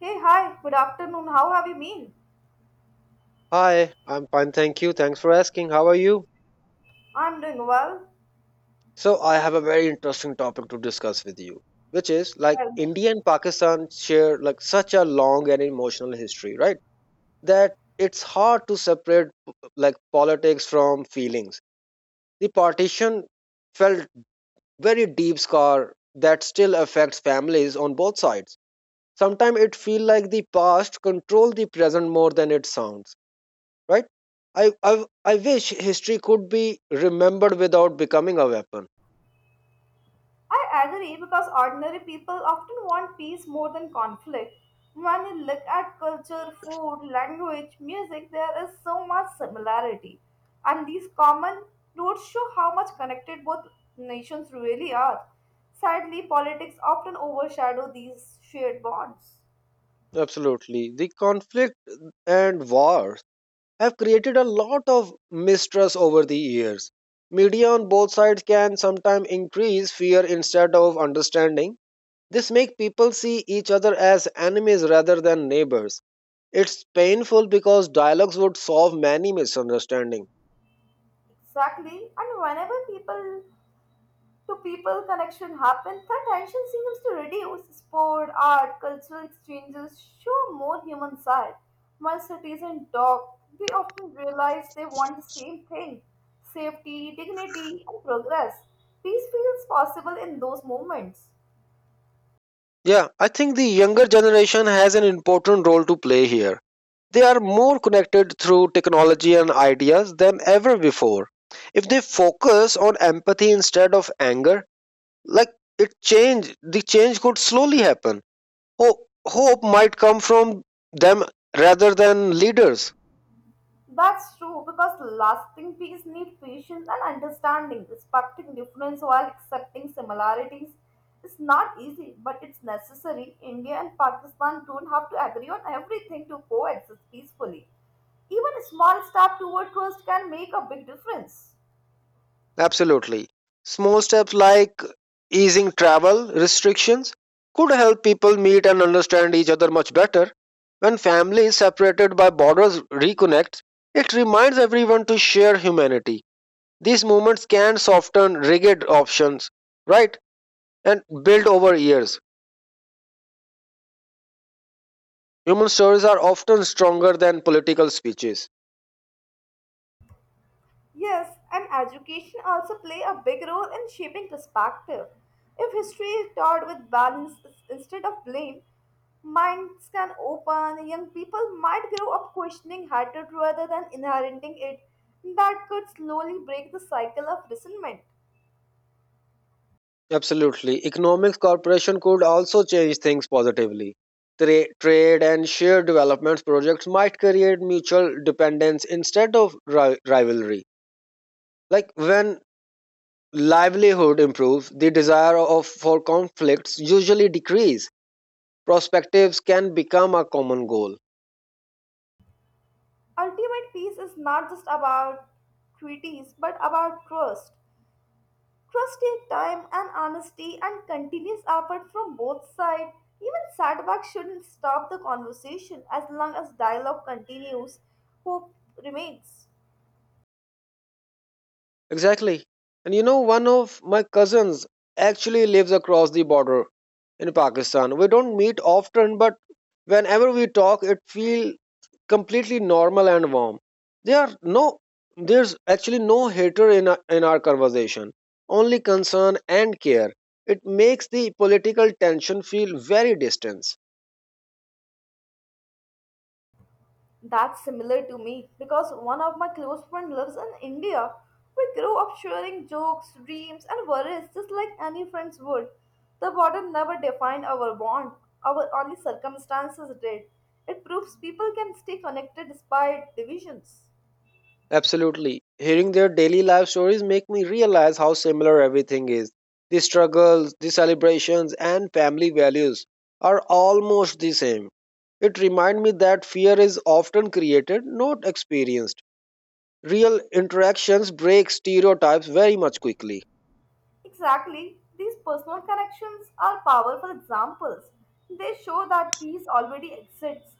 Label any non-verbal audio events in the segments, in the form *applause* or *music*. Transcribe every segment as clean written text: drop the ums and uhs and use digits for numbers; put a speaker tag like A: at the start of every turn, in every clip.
A: Hey, hi, good afternoon. How have you been?
B: Hi, I'm fine, thank you. Thanks for asking. How are you?
A: I'm doing well.
B: So, I have a very interesting topic to discuss with you, which is like
A: Tell me.
B: India and Pakistan share like such a long and emotional history, right? That it's hard to separate like politics from feelings. The partition felt very deep scar that still affects families on both sides. Sometimes it feels like the past control the present more than it sounds, right. I I wish history could be remembered without becoming a weapon.
A: I agree because ordinary people often want peace more than conflict. When you look at culture, food, language, music, there is so much similarity. And these common roots show how much connected both nations really are. Sadly, politics often overshadow these shared bonds.
B: Absolutely, the conflict and wars have created a lot of mistrust over the years. Media on both sides can sometimes increase fear instead of understanding. This makes people see each other as enemies rather than neighbors. It's painful because dialogues would solve many misunderstandings.
A: Exactly. And whenever people to people connection happen, the tension seems to reduce. Sport, art, cultural exchanges show more human side. While citizens talk, they often realize they want the same thing safety, dignity, and progress. Peace feels possible in those moments.
B: Yeah, I think the younger generation has an important role to play here. They are more connected through technology and ideas than ever before. If they focus on empathy instead of anger, like the change could slowly happen. Hope might come from them rather than leaders.
A: That's true because lasting peace need patience and understanding. Respecting difference while accepting similarities is not easy, but it's necessary. India and Pakistan don't have to agree on everything to coexist peacefully. Even a small step toward trust can make a big difference.
B: Absolutely. Small steps like easing travel restrictions could help people meet and understand each other much better. When families separated by borders reconnect, it reminds everyone to share humanity. These movements can soften rigid options, right, and build over years. Human stories are often stronger than political speeches.
A: Yes, and education also play a big role in shaping perspective. If history is taught with balance instead of blame, minds can open, young people might grow up questioning hatred rather than inheriting it. That could slowly break the cycle of resentment.
B: Absolutely. Economics cooperation could also change things positively. Trade and shared development projects might create mutual dependence instead of rivalry. Like when livelihood improves, the desire of for conflicts usually decrease. Perspectives can become a common goal.
A: Ultimate peace is not just about treaties but about trust. Trust take time and honesty and continuous effort from both sides. Even setbacks shouldn't stop the conversation as long as dialogue continues, hope remains.
B: Exactly. And you know, one of my cousins actually lives across the border in Pakistan. We don't meet often, but whenever we talk, it feels completely normal and warm. There are no, there's actually no hater in our conversation, only concern and care. It makes the political tension feel very distant.
A: That's similar to me because one of my close friends lives in India. We grew up sharing jokes, dreams, and worries just like any friends would. The border never defined our bond, our only circumstances did. It proves people can stay connected despite divisions.
B: Absolutely. Hearing their daily life stories make me realize how similar everything is. The struggles, the celebrations, and family values are almost the same. It reminds me that fear is often created, not experienced. Real interactions break stereotypes very much quickly.
A: Exactly. These personal connections are powerful examples. They show that peace already exists.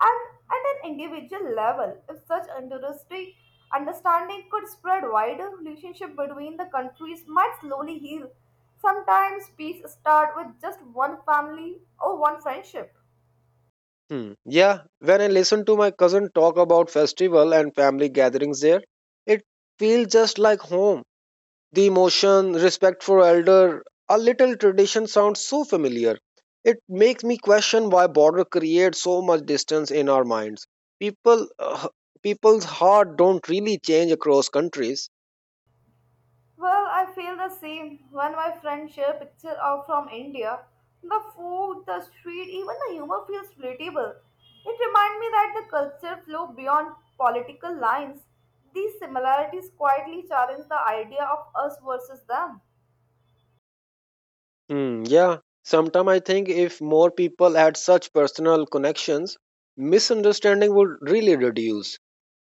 A: And at an individual level, if such altruistic understanding could spread wider, relationship between the countries might slowly heal. Sometimes peace starts with just one family or one friendship.
B: Hmm. Yeah, when I listen to my cousin talk about festival and family gatherings there, it feels just like home. The emotion, respect for elder, a little tradition sounds so familiar. It makes me question why border creates so much distance in our minds. People, uh, people's heart don't really change across countries.
A: Well, I feel the same. When my friends share pictures of from India, the food, the street, even the humor feels relatable. It reminds me that the culture flow beyond political lines. These similarities quietly challenge the idea of us versus them.
B: Hmm, yeah. Sometimes I think if more people had such personal connections, misunderstanding would really reduce.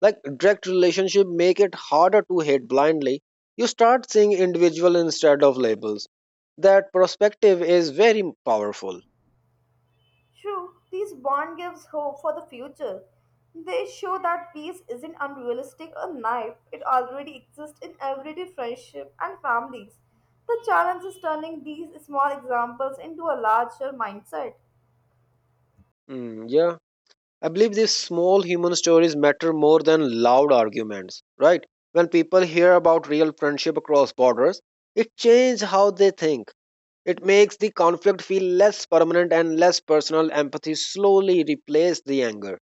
B: Like direct relationship make it harder to hate blindly. You start seeing individual instead of labels. That perspective is very powerful.
A: True, these bond gives hope for the future. They show that peace isn't unrealistic or naive, it already exists in everyday friendship and families. The challenge is turning these small examples into a larger mindset.
B: Mm, yeah, I believe these small human stories matter more than loud arguments, right? When people hear about real friendship across borders, it changes how they think. It makes the conflict feel less permanent and less personal. Empathy slowly replaces the anger.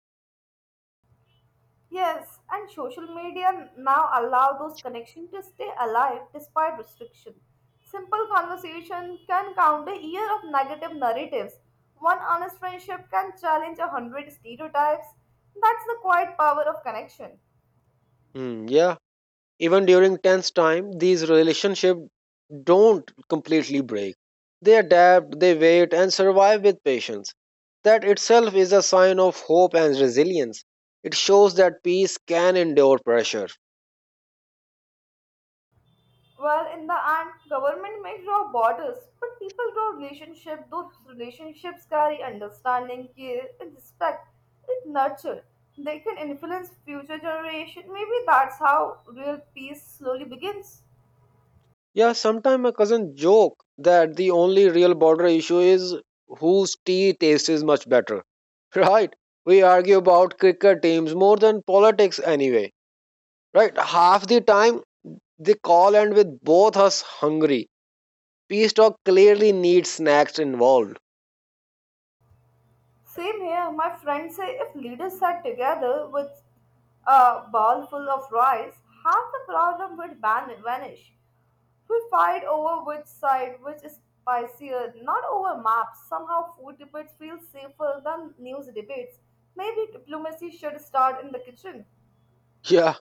A: Yes, and social media now allow those connections to stay alive despite restriction. Simple conversation can counter year of negative narratives. One honest friendship can challenge a hundred stereotypes. That's the quiet power of connection.
B: Mm, yeah. Even during tense time, these relationships don't completely break. They adapt, they wait, and survive with patience. That itself is a sign of hope and resilience. It shows that peace can endure pressure.
A: Well, in the end, government may draw borders, but people draw relationships. Those relationships carry understanding, care, and respect. It nurture. They can influence future generation. Maybe that's how real peace slowly begins.
B: Yeah, sometimes my cousin joke that the only real border issue is whose tea tastes much better. *laughs* Right? We argue about cricket teams more than politics anyway. Right? Half the time they call and with both us hungry. Peace talk clearly needs snacks involved.
A: Same here. My friends say if leaders sat together with a bowl full of rice, half the problem would vanish. We fight over which side, which is spicier, not over maps. Somehow, food debates feel safer than news debates. Maybe diplomacy should start in the kitchen.
B: Yeah,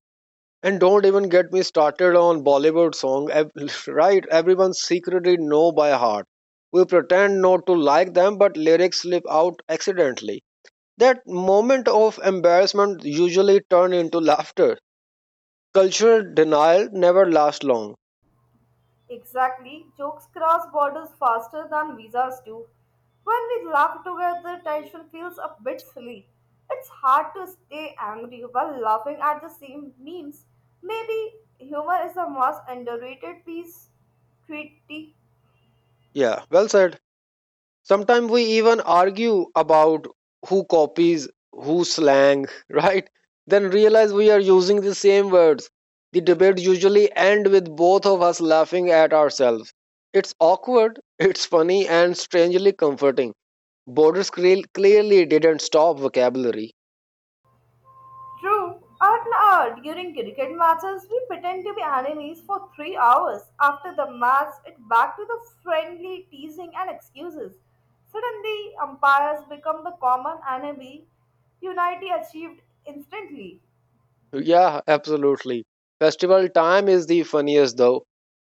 B: and don't even get me started on Bollywood song. *laughs* Right, everyone secretly know by heart. We pretend not to like them, but lyrics slip out accidentally. That moment of embarrassment usually turn into laughter. Cultural denial never lasts long.
A: Exactly. Jokes cross borders faster than visas do. When we laugh together, tension feels a bit silly. It's hard to stay angry while laughing at the same memes. Maybe humor is the most underrated piece treaty.
B: Yeah, well said. Sometimes we even argue about who copies, who slang, *laughs* right? Then realize we are using the same words. The debate usually end with both of us laughing at ourselves. It's awkward, *laughs* it's funny and strangely comforting. Borders clearly didn't stop vocabulary.
A: True. During cricket matches, we pretend to be enemies for 3 hours. After the match, it back to the friendly teasing and excuses. Suddenly, umpires become the common enemy. Unity achieved instantly.
B: Yeah, absolutely. Festival time is the funniest though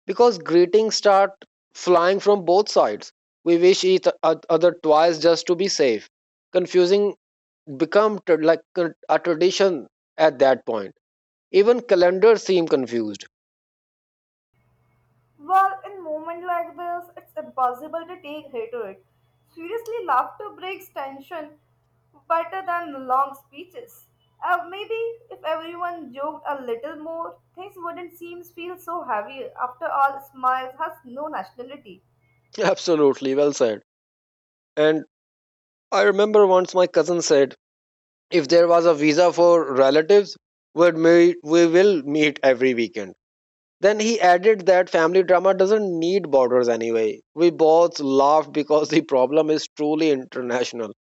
B: because greetings start flying from both sides. We wish each other twice just to be safe, confusing become a tradition at that point. Even calendars seem confused.
A: Well, in moment like this, it's impossible to take hatred. Seriously, laughter breaks tension better than long speeches. Maybe if everyone joked a little more, things wouldn't seem feel so heavy. After all, smiles has no nationality.
B: *laughs* Absolutely, well said. And I remember once my cousin said, if there was a visa for relatives, we will meet every weekend. Then he added that family drama doesn't need borders anyway. We both laughed because the problem is truly international.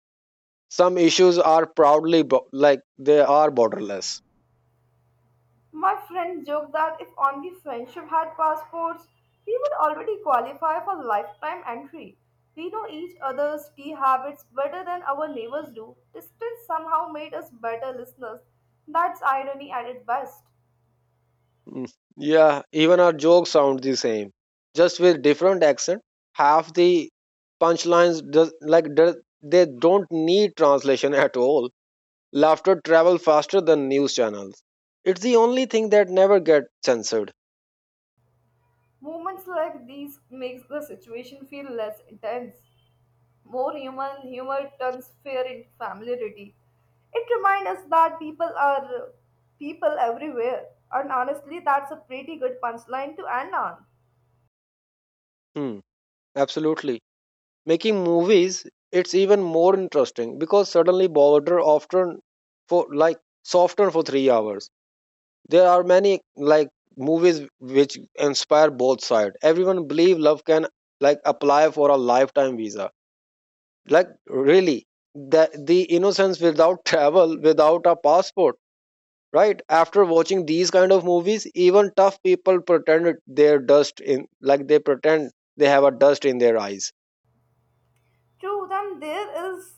B: Some issues are proudly they are borderless.
A: My friend joked that if only friendship had passports, we would already qualify for lifetime entry. We know each other's tea habits better than our neighbors do. Distance somehow made us better listeners. That's irony at its best.
B: Mm, yeah, even our jokes sound the same, just with different accent. Half the punchlines, they don't need translation *laughs* at all. Laughter travel faster than news channels. It's the only thing that never gets censored.
A: Moments like these makes the situation feel less intense. More human humor turns fear into familiarity. It reminds us that people are people everywhere. And honestly, that's a pretty good punchline to end on.
B: Hmm, absolutely. Making movies, it's even more interesting because suddenly border often for like soften for 3 hours. There are many like movies which inspire both sides. Everyone believe love can like apply for a lifetime visa. Like really, the innocence without travel, without a passport. Right after watching these kind of movies, even tough people pretend their dust in like they pretend they have a dust in their eyes.
A: True, then there is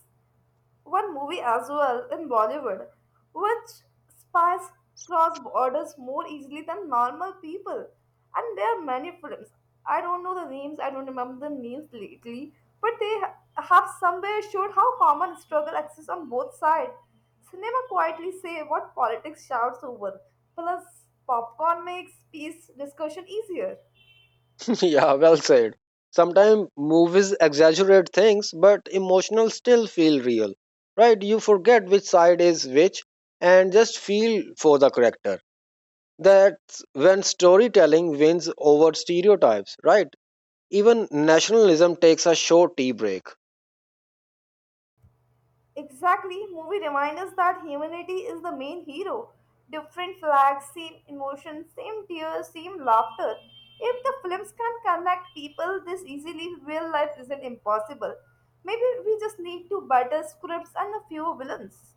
A: one movie as well in Bollywood which spies cross borders more easily than normal people. And there are many films. I don't know the names, I don't remember the names lately, but have somewhere showed how common struggle exists on both sides. Cinema quietly say what politics shouts over, plus popcorn makes peace discussion easier.
B: *laughs* Yeah, well said. Sometimes movies exaggerate things, but emotional still feel real, right? You forget which side is which and just feel for the character. That's when storytelling wins over stereotypes, right? Even nationalism takes a short tea break.
A: Exactly, movie reminds us that humanity is the main hero. Different flags, same emotions, same tears, same laughter. If the films can connect people this easily, real life isn't impossible. Maybe we just need to better scripts and a few villains.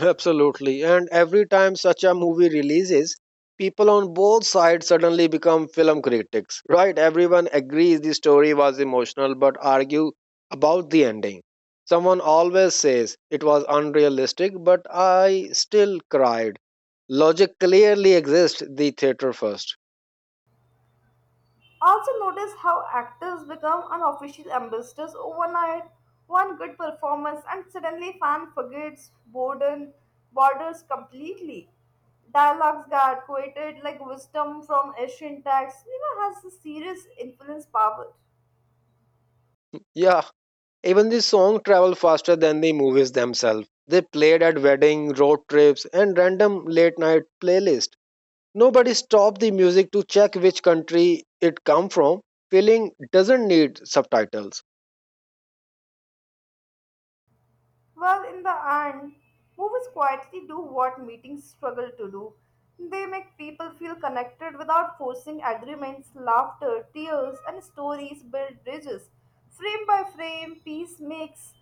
B: Absolutely. And every time such a movie releases, people on both sides suddenly become film critics, right? Everyone agrees the story was emotional but argue about the ending. Someone always says it was unrealistic, but I still cried. Logic clearly exists, the theater first.
A: Also, notice how actors become unofficial ambassadors overnight. One good performance, and suddenly fan forgets boredom borders completely. Dialogues got quoted like wisdom from ancient texts. You know, has a serious influence power.
B: Yeah, even the song traveled faster than the movies themselves. They played at wedding, road trips, and random late night playlists. Nobody stopped the music to check which country it come from. Feeling doesn't need subtitles.
A: Well, in the end, movies quietly do what meetings struggle to do. They make people feel connected without forcing agreements, laughter, tears, and stories build bridges. Frame by frame, peace makes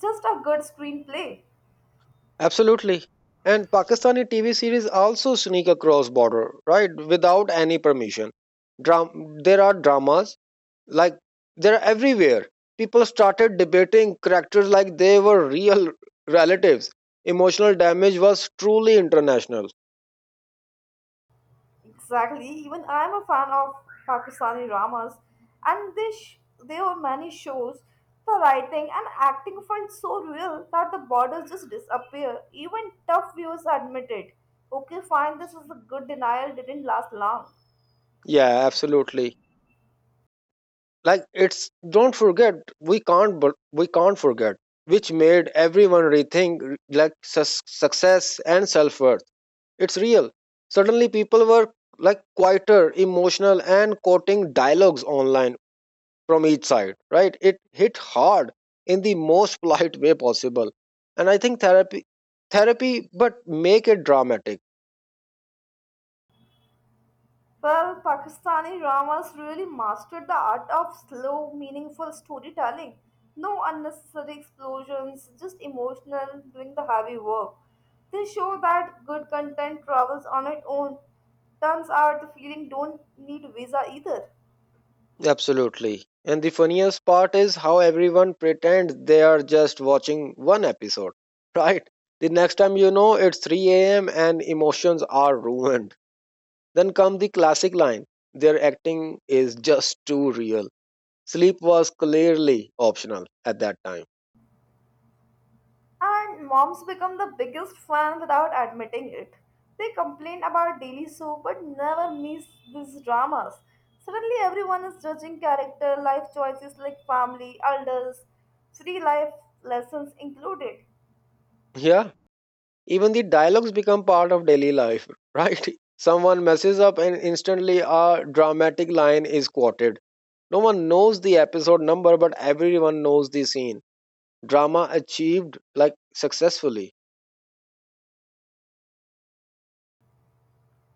A: just a good screenplay.
B: Absolutely. And Pakistani TV series also sneak across border, right? Without any permission. There are dramas like they're everywhere. People started debating characters like they were real relatives. Emotional damage was truly international.
A: Exactly. Even I'm a fan of Pakistani dramas, and there were many shows. The writing and acting felt so real that the borders just disappear. Even tough viewers admitted, "Okay, fine, this is a good denial. Didn't last long."
B: Yeah, absolutely. Like it's don't forget we can't but we can't forget, which made everyone rethink success and self-worth. It's real. Suddenly people were like quieter, emotional and quoting dialogues online from each side, right? It hit hard in the most *laughs* polite way possible. And I think therapy, but make it dramatic.
A: Well, Pakistani dramas really mastered the art of slow, meaningful storytelling. No unnecessary explosions, just emotional, doing the heavy work. They show that good content travels on its own. Turns out the feeling don't need visa either.
B: Absolutely. And the funniest part is how everyone pretends they are just watching one episode, *laughs* right? The next time you know it's 3 a.m. and emotions are ruined. Then come the classic line, their acting is just too real. Sleep was clearly optional at that time.
A: And moms become the biggest fan without admitting it. They complain about daily soap but never miss these dramas. Suddenly, everyone is judging character, life choices like family, elders, free life lessons included.
B: Yeah, even the dialogues become part of daily life, *laughs* right? Someone messes up and instantly a dramatic line is quoted. No one knows the episode number, but everyone knows the scene. Drama achieved like successfully.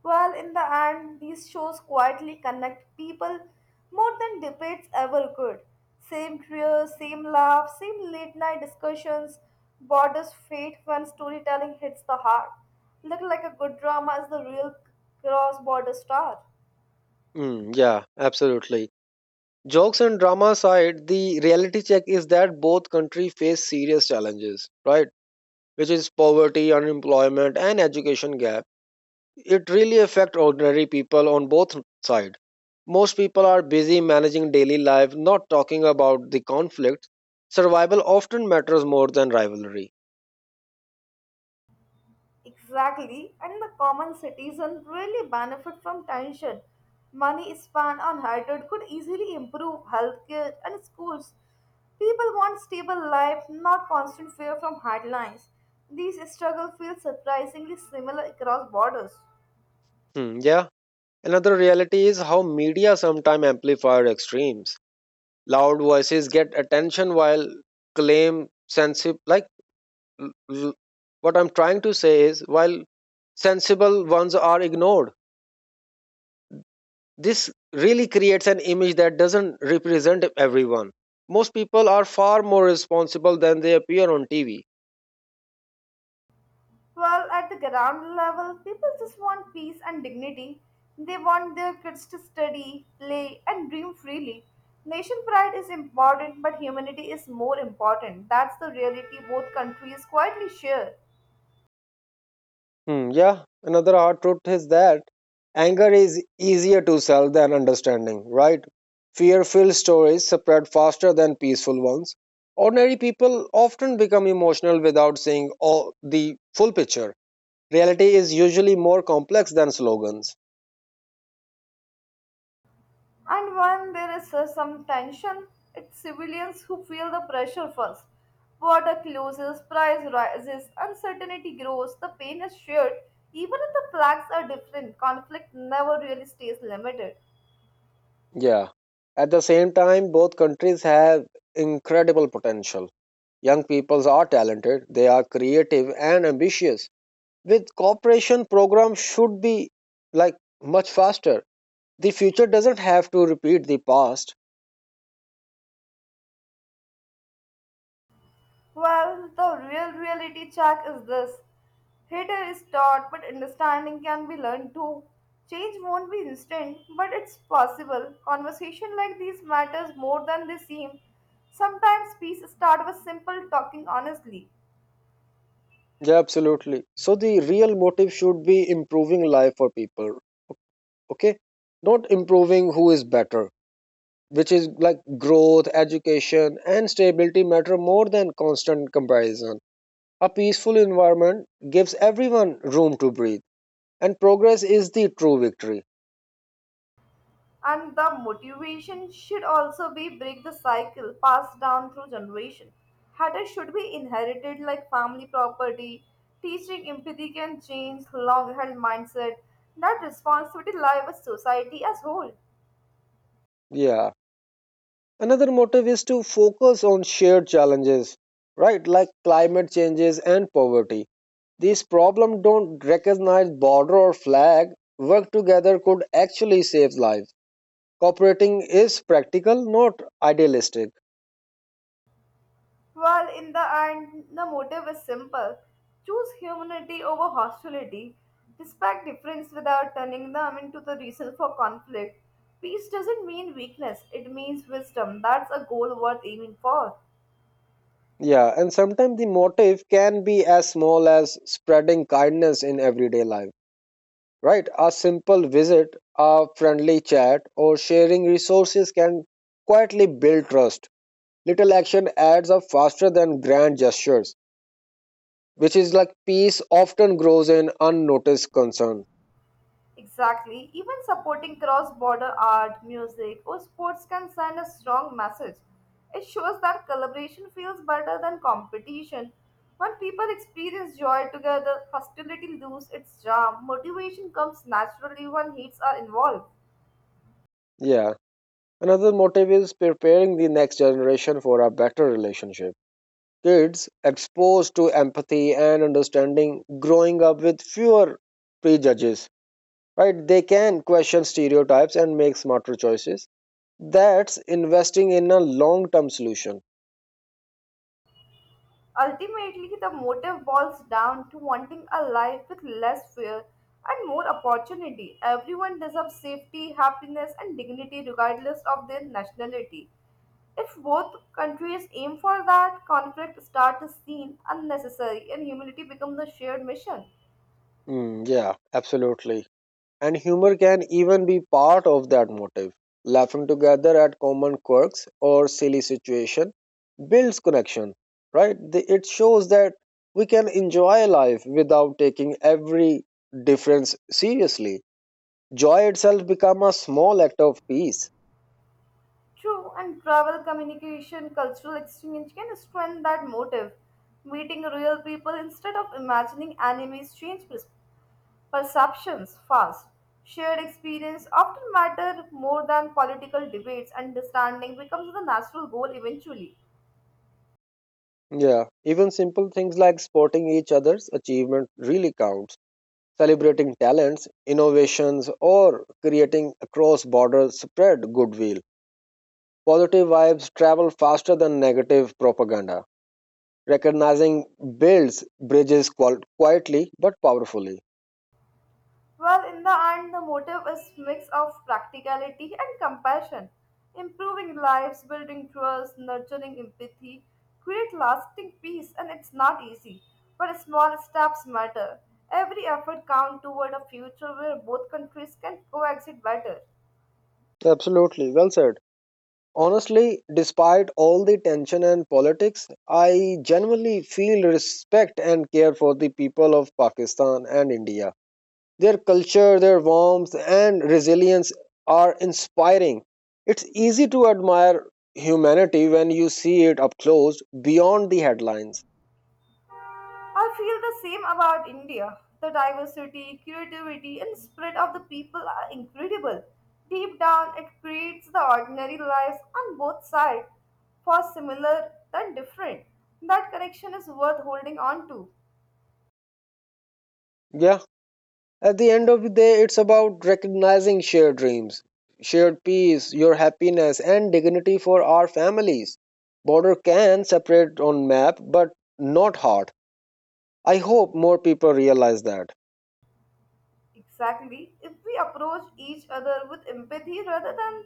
A: Well, in the end, these shows quietly connect people more than debates ever could. Same tears, same laughs, same late night discussions, borders fate when storytelling hits the heart. Look like a good drama is the real cross border star.
B: Mm, yeah, absolutely. Jokes and drama aside, the reality check is that both countries face serious challenges, right? Which is poverty, unemployment, and education gap. It really affect ordinary people on both sides. Most people are busy managing daily life, not talking about the conflict. Survival often matters more than rivalry.
A: Exactly, and the common citizen really benefit from tension. Money spent on hatred could easily improve healthcare and schools. People want stable life, not constant fear from headlines. These struggles feel surprisingly similar across borders.
B: Hmm, yeah. Another reality is how media sometimes amplify extremes. Loud voices get attention while claim sensible like l- l- what I'm trying to say is while sensible ones are ignored. This really creates an image that doesn't represent everyone. Most people are far more responsible than they appear on TV.
A: Well, at the ground level, people just want peace and dignity. They want their kids to study, play, and dream freely. Nation pride is important, but humanity is more important. That's the reality both countries quietly share.
B: Hmm, yeah, another hard truth is that anger is easier to sell than understanding, right? Fear filled stories spread faster than peaceful ones. Ordinary people often become emotional without seeing all the full picture. Reality is usually more complex than slogans.
A: And when there is some tension, it's civilians who feel the pressure first. Border closes, price rises, uncertainty grows, the pain is shared. Even if the flags are different, conflict never really stays limited.
B: Yeah. At the same time, both countries have incredible potential. Young peoples are talented, they are creative and ambitious. With cooperation programs should be like much faster, the future doesn't have to repeat the past.
A: Well, the real reality check is this. Hater is taught, but understanding can be learned too. Change won't be instant, but it's possible. Conversation like these matters more than they seem. Sometimes peace starts with simple talking honestly.
B: Yeah, absolutely. So the real motive should be improving life for people, okay, not improving who is better, which is like growth, education and stability matter more than constant comparison. A peaceful environment gives everyone room to breathe, and progress is the true victory.
A: And the motivation should also be break the cycle passed down through generation. Habits should be inherited like family property. Teaching empathy can change long-held mindset. That responsibility lies with society as whole.
B: Yeah. Another motive is to focus on shared challenges, right, like climate changes and poverty. These problems don't recognize border or flag. Work together could actually save lives. Cooperating is practical, not idealistic.
A: While in the end, the motive is simple: choose humanity over hostility. Respect difference without turning them into the reason for conflict. Peace doesn't mean weakness; it means wisdom. That's a goal worth aiming for.
B: Yeah, and sometimes the motive can be as small as spreading kindness in everyday life, right? A simple visit, a friendly chat, or sharing resources can quietly build trust. Little action adds up faster than grand gestures, which is like peace often grows in unnoticed concern.
A: Exactly. Even supporting cross border art, music, or sports can send a strong message. It shows that collaboration feels better than competition. When people experience joy together, hostility loses its charm. Motivation comes naturally when heats are involved.
B: Yeah. Another motive is preparing the next generation for a better relationship. Kids exposed to empathy and understanding growing up with fewer prejudges, right? They can question stereotypes and make smarter choices. That's investing in a long term solution.
A: Ultimately, the motive boils down to wanting a life with less fear and more opportunity. Everyone deserves safety, happiness, and dignity regardless of their nationality. If both countries aim for that, conflict starts seen unnecessary and humility becomes the shared mission.
B: Mm, yeah, absolutely. And humor can even be part of that motive. Laughing together at common quirks or silly situation builds connection, right? It shows that we can enjoy life without taking every difference seriously. Joy itself becomes a small act of peace.
A: True, and travel, communication, cultural exchange can strengthen that motive. Meeting real people instead of imagining enemies change perceptions fast. Shared experience often matter more than political debates. Understanding becomes the natural goal eventually.
B: Yeah, even simple things like supporting each other's achievement really counts. Celebrating talents, innovations, or creating a cross-border spread goodwill. Positive vibes travel faster than negative propaganda. Recognizing builds bridges quietly but powerfully.
A: Well, in the end, the motive is mix of practicality and compassion, improving lives, building trust, nurturing empathy, create lasting peace, and it's not easy. But small steps matter. Every effort counts toward a future where both countries can coexist better.
B: Absolutely, well said. Honestly, despite all the tension and politics, I genuinely feel respect and care for the people of Pakistan and India. Their culture, their warmth, and resilience are inspiring. It's easy to admire humanity when you see it up close, beyond the headlines.
A: I feel the same about India. The diversity, creativity, and spirit of the people are incredible. Deep down, it creates the ordinary lives on both sides, for similar than different. That connection is worth holding on to.
B: Yeah, at the end of the day, it's about recognizing shared dreams, shared peace, your happiness, and dignity for our families. Border can separate on map, but not heart. I hope more people realize that.
A: Exactly. If we approach each other with empathy rather than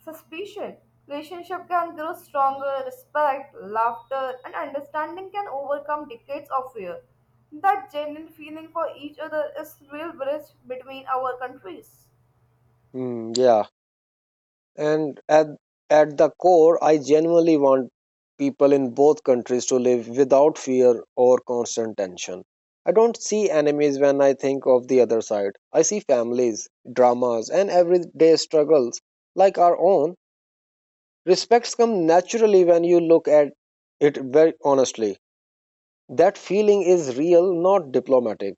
A: suspicion, relationship can grow stronger, respect, laughter, and understanding can overcome decades of fear. That genuine feeling for each other is real bridge between our countries.
B: Yeah, and at the core, I genuinely want people in both countries to live without fear or constant tension. I don't see enemies when I think of the other side. I see families, dramas, and everyday struggles like our own. Respects come naturally when you look at it very honestly. That feeling is real, not diplomatic.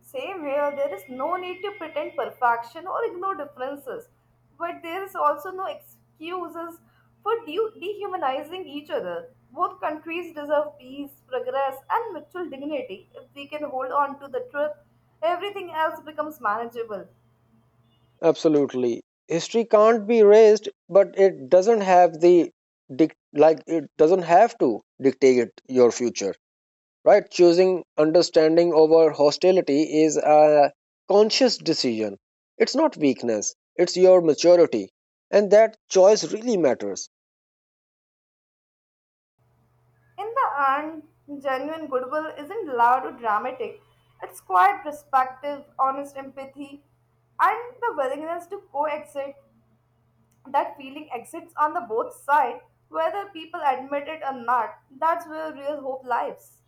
A: Same here, there is no need to pretend perfection or ignore differences, but there is also no excuses for dehumanizing each other. Both countries deserve peace, progress, and mutual dignity. If we can hold on to the truth, everything else becomes manageable.
B: Absolutely. History can't be erased, but it doesn't have the it doesn't have to dictate your future. Right? Choosing understanding over hostility is a conscious decision. It's not weakness. It's your maturity. And that choice really matters.
A: In the end, genuine goodwill isn't loud or dramatic, it's quiet perspective, honest empathy, and the willingness to coexist. That feeling exists on the both sides, whether people admit it or not. That's where real hope lies.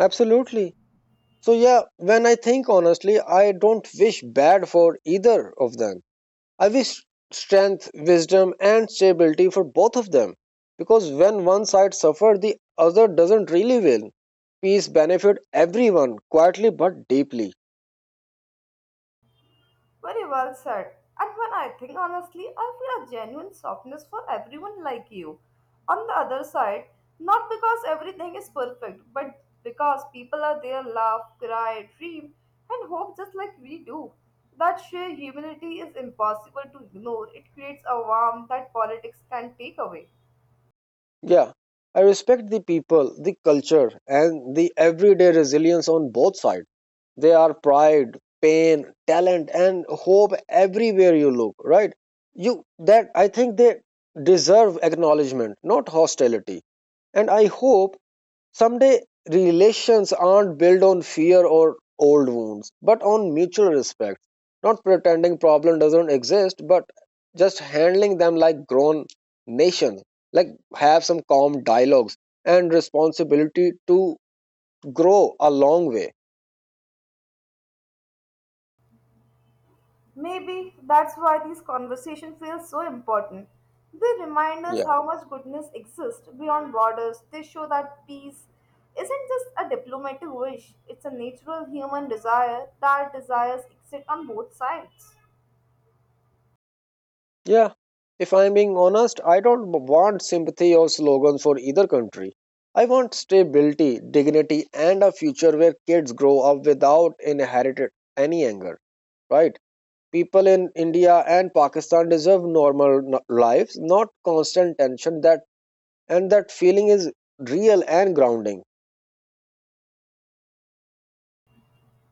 B: Absolutely. So yeah, when I think honestly, I don't wish bad for either of them. I wish strength, wisdom and stability for both of them because when one side suffers, the other doesn't really win. Peace benefits everyone quietly but deeply.
A: Very well said. And when I think honestly, I feel a genuine softness for everyone like you. On the other side, not because everything is perfect, but because people are there, laugh, cry, dream, and hope just like we do. That sheer humanity is impossible to ignore. It creates a warmth that politics can take away.
B: Yeah. I respect the people, the culture and the everyday resilience on both sides. They are pride, pain, talent, and hope everywhere you look, right? You that I think they deserve acknowledgement, not hostility. And I hope someday relations aren't built on fear or old wounds, but on mutual respect. Not pretending problem doesn't exist, but just handling them like grown nation. Like have some calm dialogues and responsibility to grow a long way.
A: Maybe that's why these conversations feel so important. They remind us
B: Yeah.
A: how much goodness exists beyond borders. They show that peace isn't just a diplomatic wish, it's a natural human desire that desires exist on both sides.
B: Yeah, if I'm being honest, I don't want sympathy or slogans for either country. I want stability, dignity, and a future where kids grow up without inherited any anger, right? People in India and Pakistan deserve lives, not constant tension. That and that feeling is real and grounding.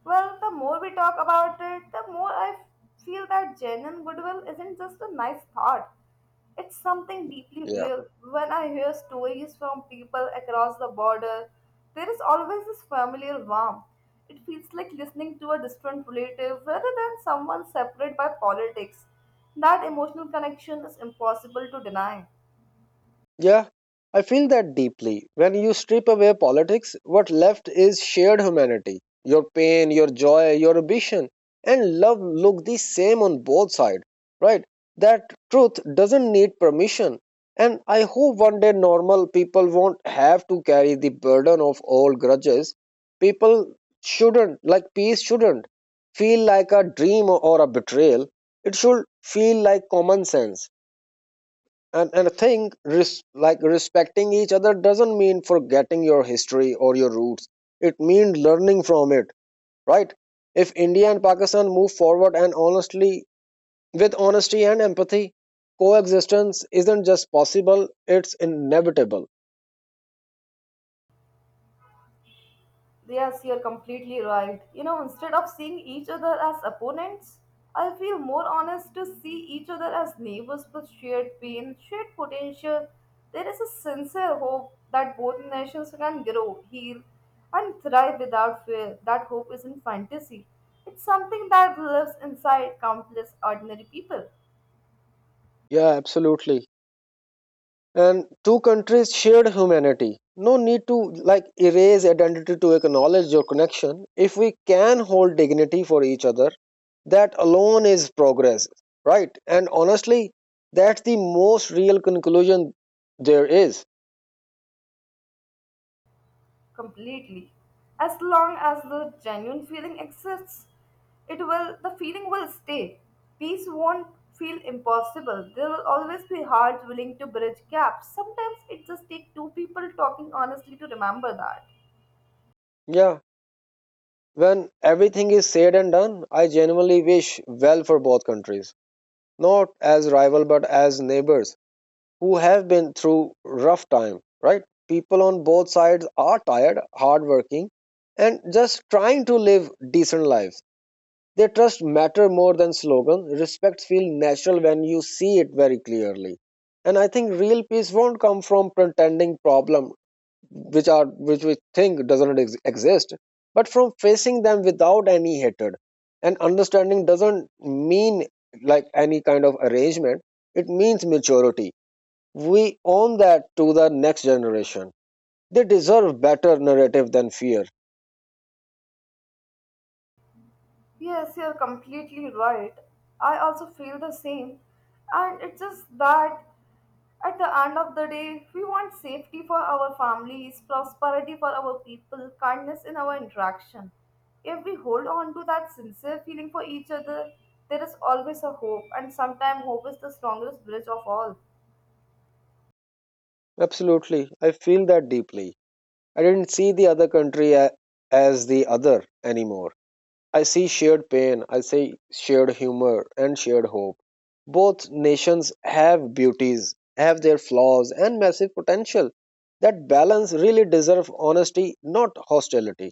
A: Well, the more we talk about it, the more I feel that genuine goodwill isn't just a nice thought. It's something deeply
B: Yeah.
A: real. When I hear stories from people across the border, there is always this familiar warmth. It feels like listening to a distant relative rather than someone separate by politics. That emotional connection is impossible to deny.
B: Yeah, I feel that deeply. When you strip away politics, what left is shared humanity. Your pain, your joy, your ambition, and love look the same on both sides, right? That truth doesn't need permission. And I hope one day normal people won't have to carry the burden of old grudges. People shouldn't, like peace shouldn't, feel like a dream or a betrayal. It should feel like common sense. And I think respecting each other doesn't mean forgetting your history or your roots. It means learning from it, right? If India and Pakistan move forward and honestly with honesty and empathy, coexistence isn't just possible, it's inevitable.
A: Yes, you're completely right. You know, instead of seeing each other as opponents, I feel more honest to see each other as neighbors with shared pain, shared potential. There is a sincere hope that both nations can grow, heal, and thrive without fear. That hope isn't fantasy, it's something that lives inside countless ordinary people.
B: Yeah, absolutely. And two countries shared humanity. No need to like erase identity to acknowledge your connection. If we can hold dignity for each other, that alone is progress, right? And honestly, that's the most real conclusion there is.
A: Completely. As long as the genuine feeling exists, it will the feeling will stay. Peace won't feel impossible. There will always be hearts willing to bridge gaps. Sometimes it just takes two people talking honestly to remember that.
B: Yeah, when everything is said and done, I genuinely wish well for both countries, not as rival but as neighbors who have been through rough time, right? People on both sides are tired, hardworking, and just trying to live decent lives. They trust matter more than slogan. Respect feels natural when you see it very clearly. And I think real peace won't come from pretending problem which are which we think doesn't ex- exist, but from facing them without any hatred. And understanding doesn't mean like any kind of arrangement. It means maturity. We own that to the next generation. They deserve better narrative than fear.
A: Yes, you're completely right. I also feel the same. And it's just that at the end of the day, we want safety for our families, prosperity for our people, kindness in our interaction. If we hold on to that sincere feeling for each other, there is always a hope, and sometimes hope is the strongest bridge of all.
B: Absolutely. I feel that deeply. I didn't see the other country as the other anymore. I see shared pain, I see shared humor, and shared hope. Both nations have beauties, have their flaws, and massive potential. That balance really deserves honesty, not hostility.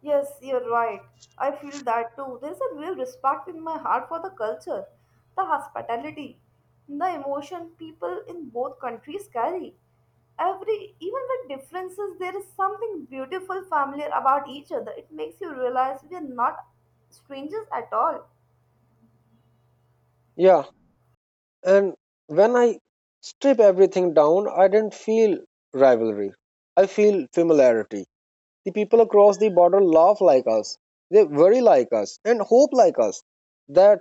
A: Yes, you're right. I feel that too. There's a real respect in my heart for the culture, the hospitality, the emotion people in both countries carry. Every, even with differences, there is something beautiful, familiar about each other. It makes you realize we are not strangers at all.
B: Yeah, and when I strip everything down, I didn't feel rivalry. I feel familiarity. The people across the border laugh like us, they worry like us, and hope like us that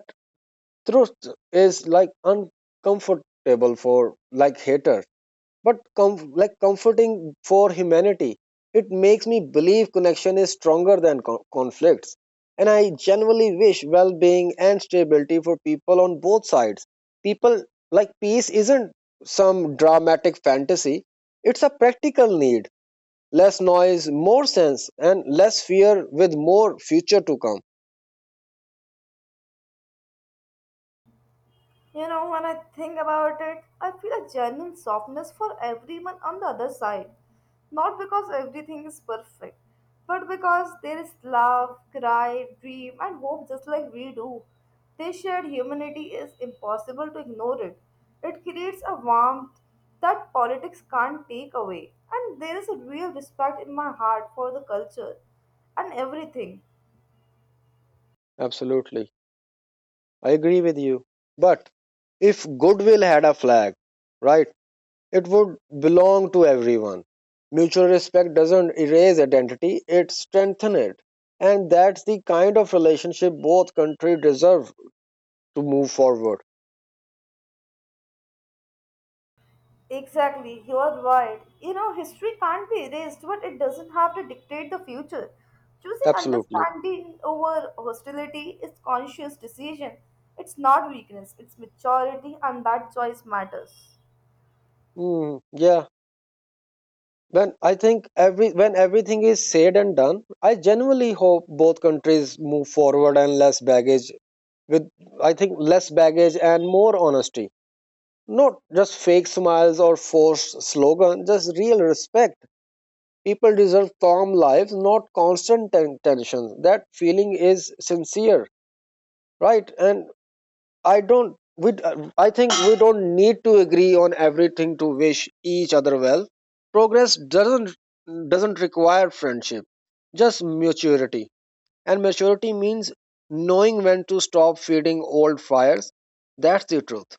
B: truth is like uncomfortable for like haters but comforting for humanity. It makes me believe connection is stronger than conflicts, and I genuinely wish well-being and stability for people on both sides. People, like peace isn't some dramatic fantasy, it's a practical need. Less noise, more sense, and less fear with more future to come.
A: You know, when I think about it, I feel a genuine softness for everyone on the other side. Not because everything is perfect, but because there is love, cry, dream, and hope just like we do. They shared humanity is impossible to ignore it. It creates a warmth that politics can't take away. And there is a real respect in my heart for the culture and everything.
B: Absolutely, I agree with you, but if goodwill had a flag, right, it would belong to everyone. Mutual respect doesn't erase identity, it strengthens it. And that's the kind of relationship both countries deserve to move forward.
A: Exactly, you're right. You know, history can't be erased, but it doesn't have to dictate the future. Choosing
B: Absolutely.
A: understanding over hostility is conscious decision. It's not weakness, it's maturity, and that choice matters.
B: Yeah. When I think every when everything is said and done, I genuinely hope both countries move forward and less baggage with I think less baggage and more honesty. Not just fake smiles or forced slogans, just real respect. People deserve calm lives, not constant tension. That feeling is sincere, right? And I don't. We, I think we don't need to agree on everything to wish each other well. Progress doesn't require friendship, just maturity. And maturity means knowing when to stop feeding old fires. That's the truth.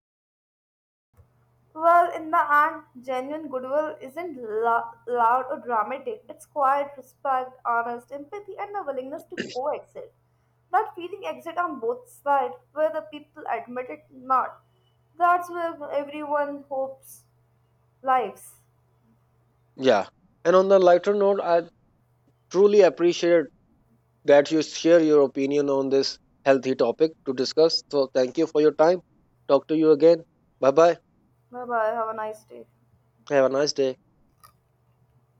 A: Well, in the end, genuine goodwill isn't loud or dramatic. It's quiet, respect, honest, empathy, and a willingness to coexist. That feeling exists on both sides, whether people admit it or not. That's where everyone hopes lives.
B: Yeah. And on the lighter note, I truly appreciate that you share your opinion on this healthy topic to discuss. So, thank you for your time. Talk to you again. Bye bye.
A: Bye bye. Have a nice day.
B: Have a nice day.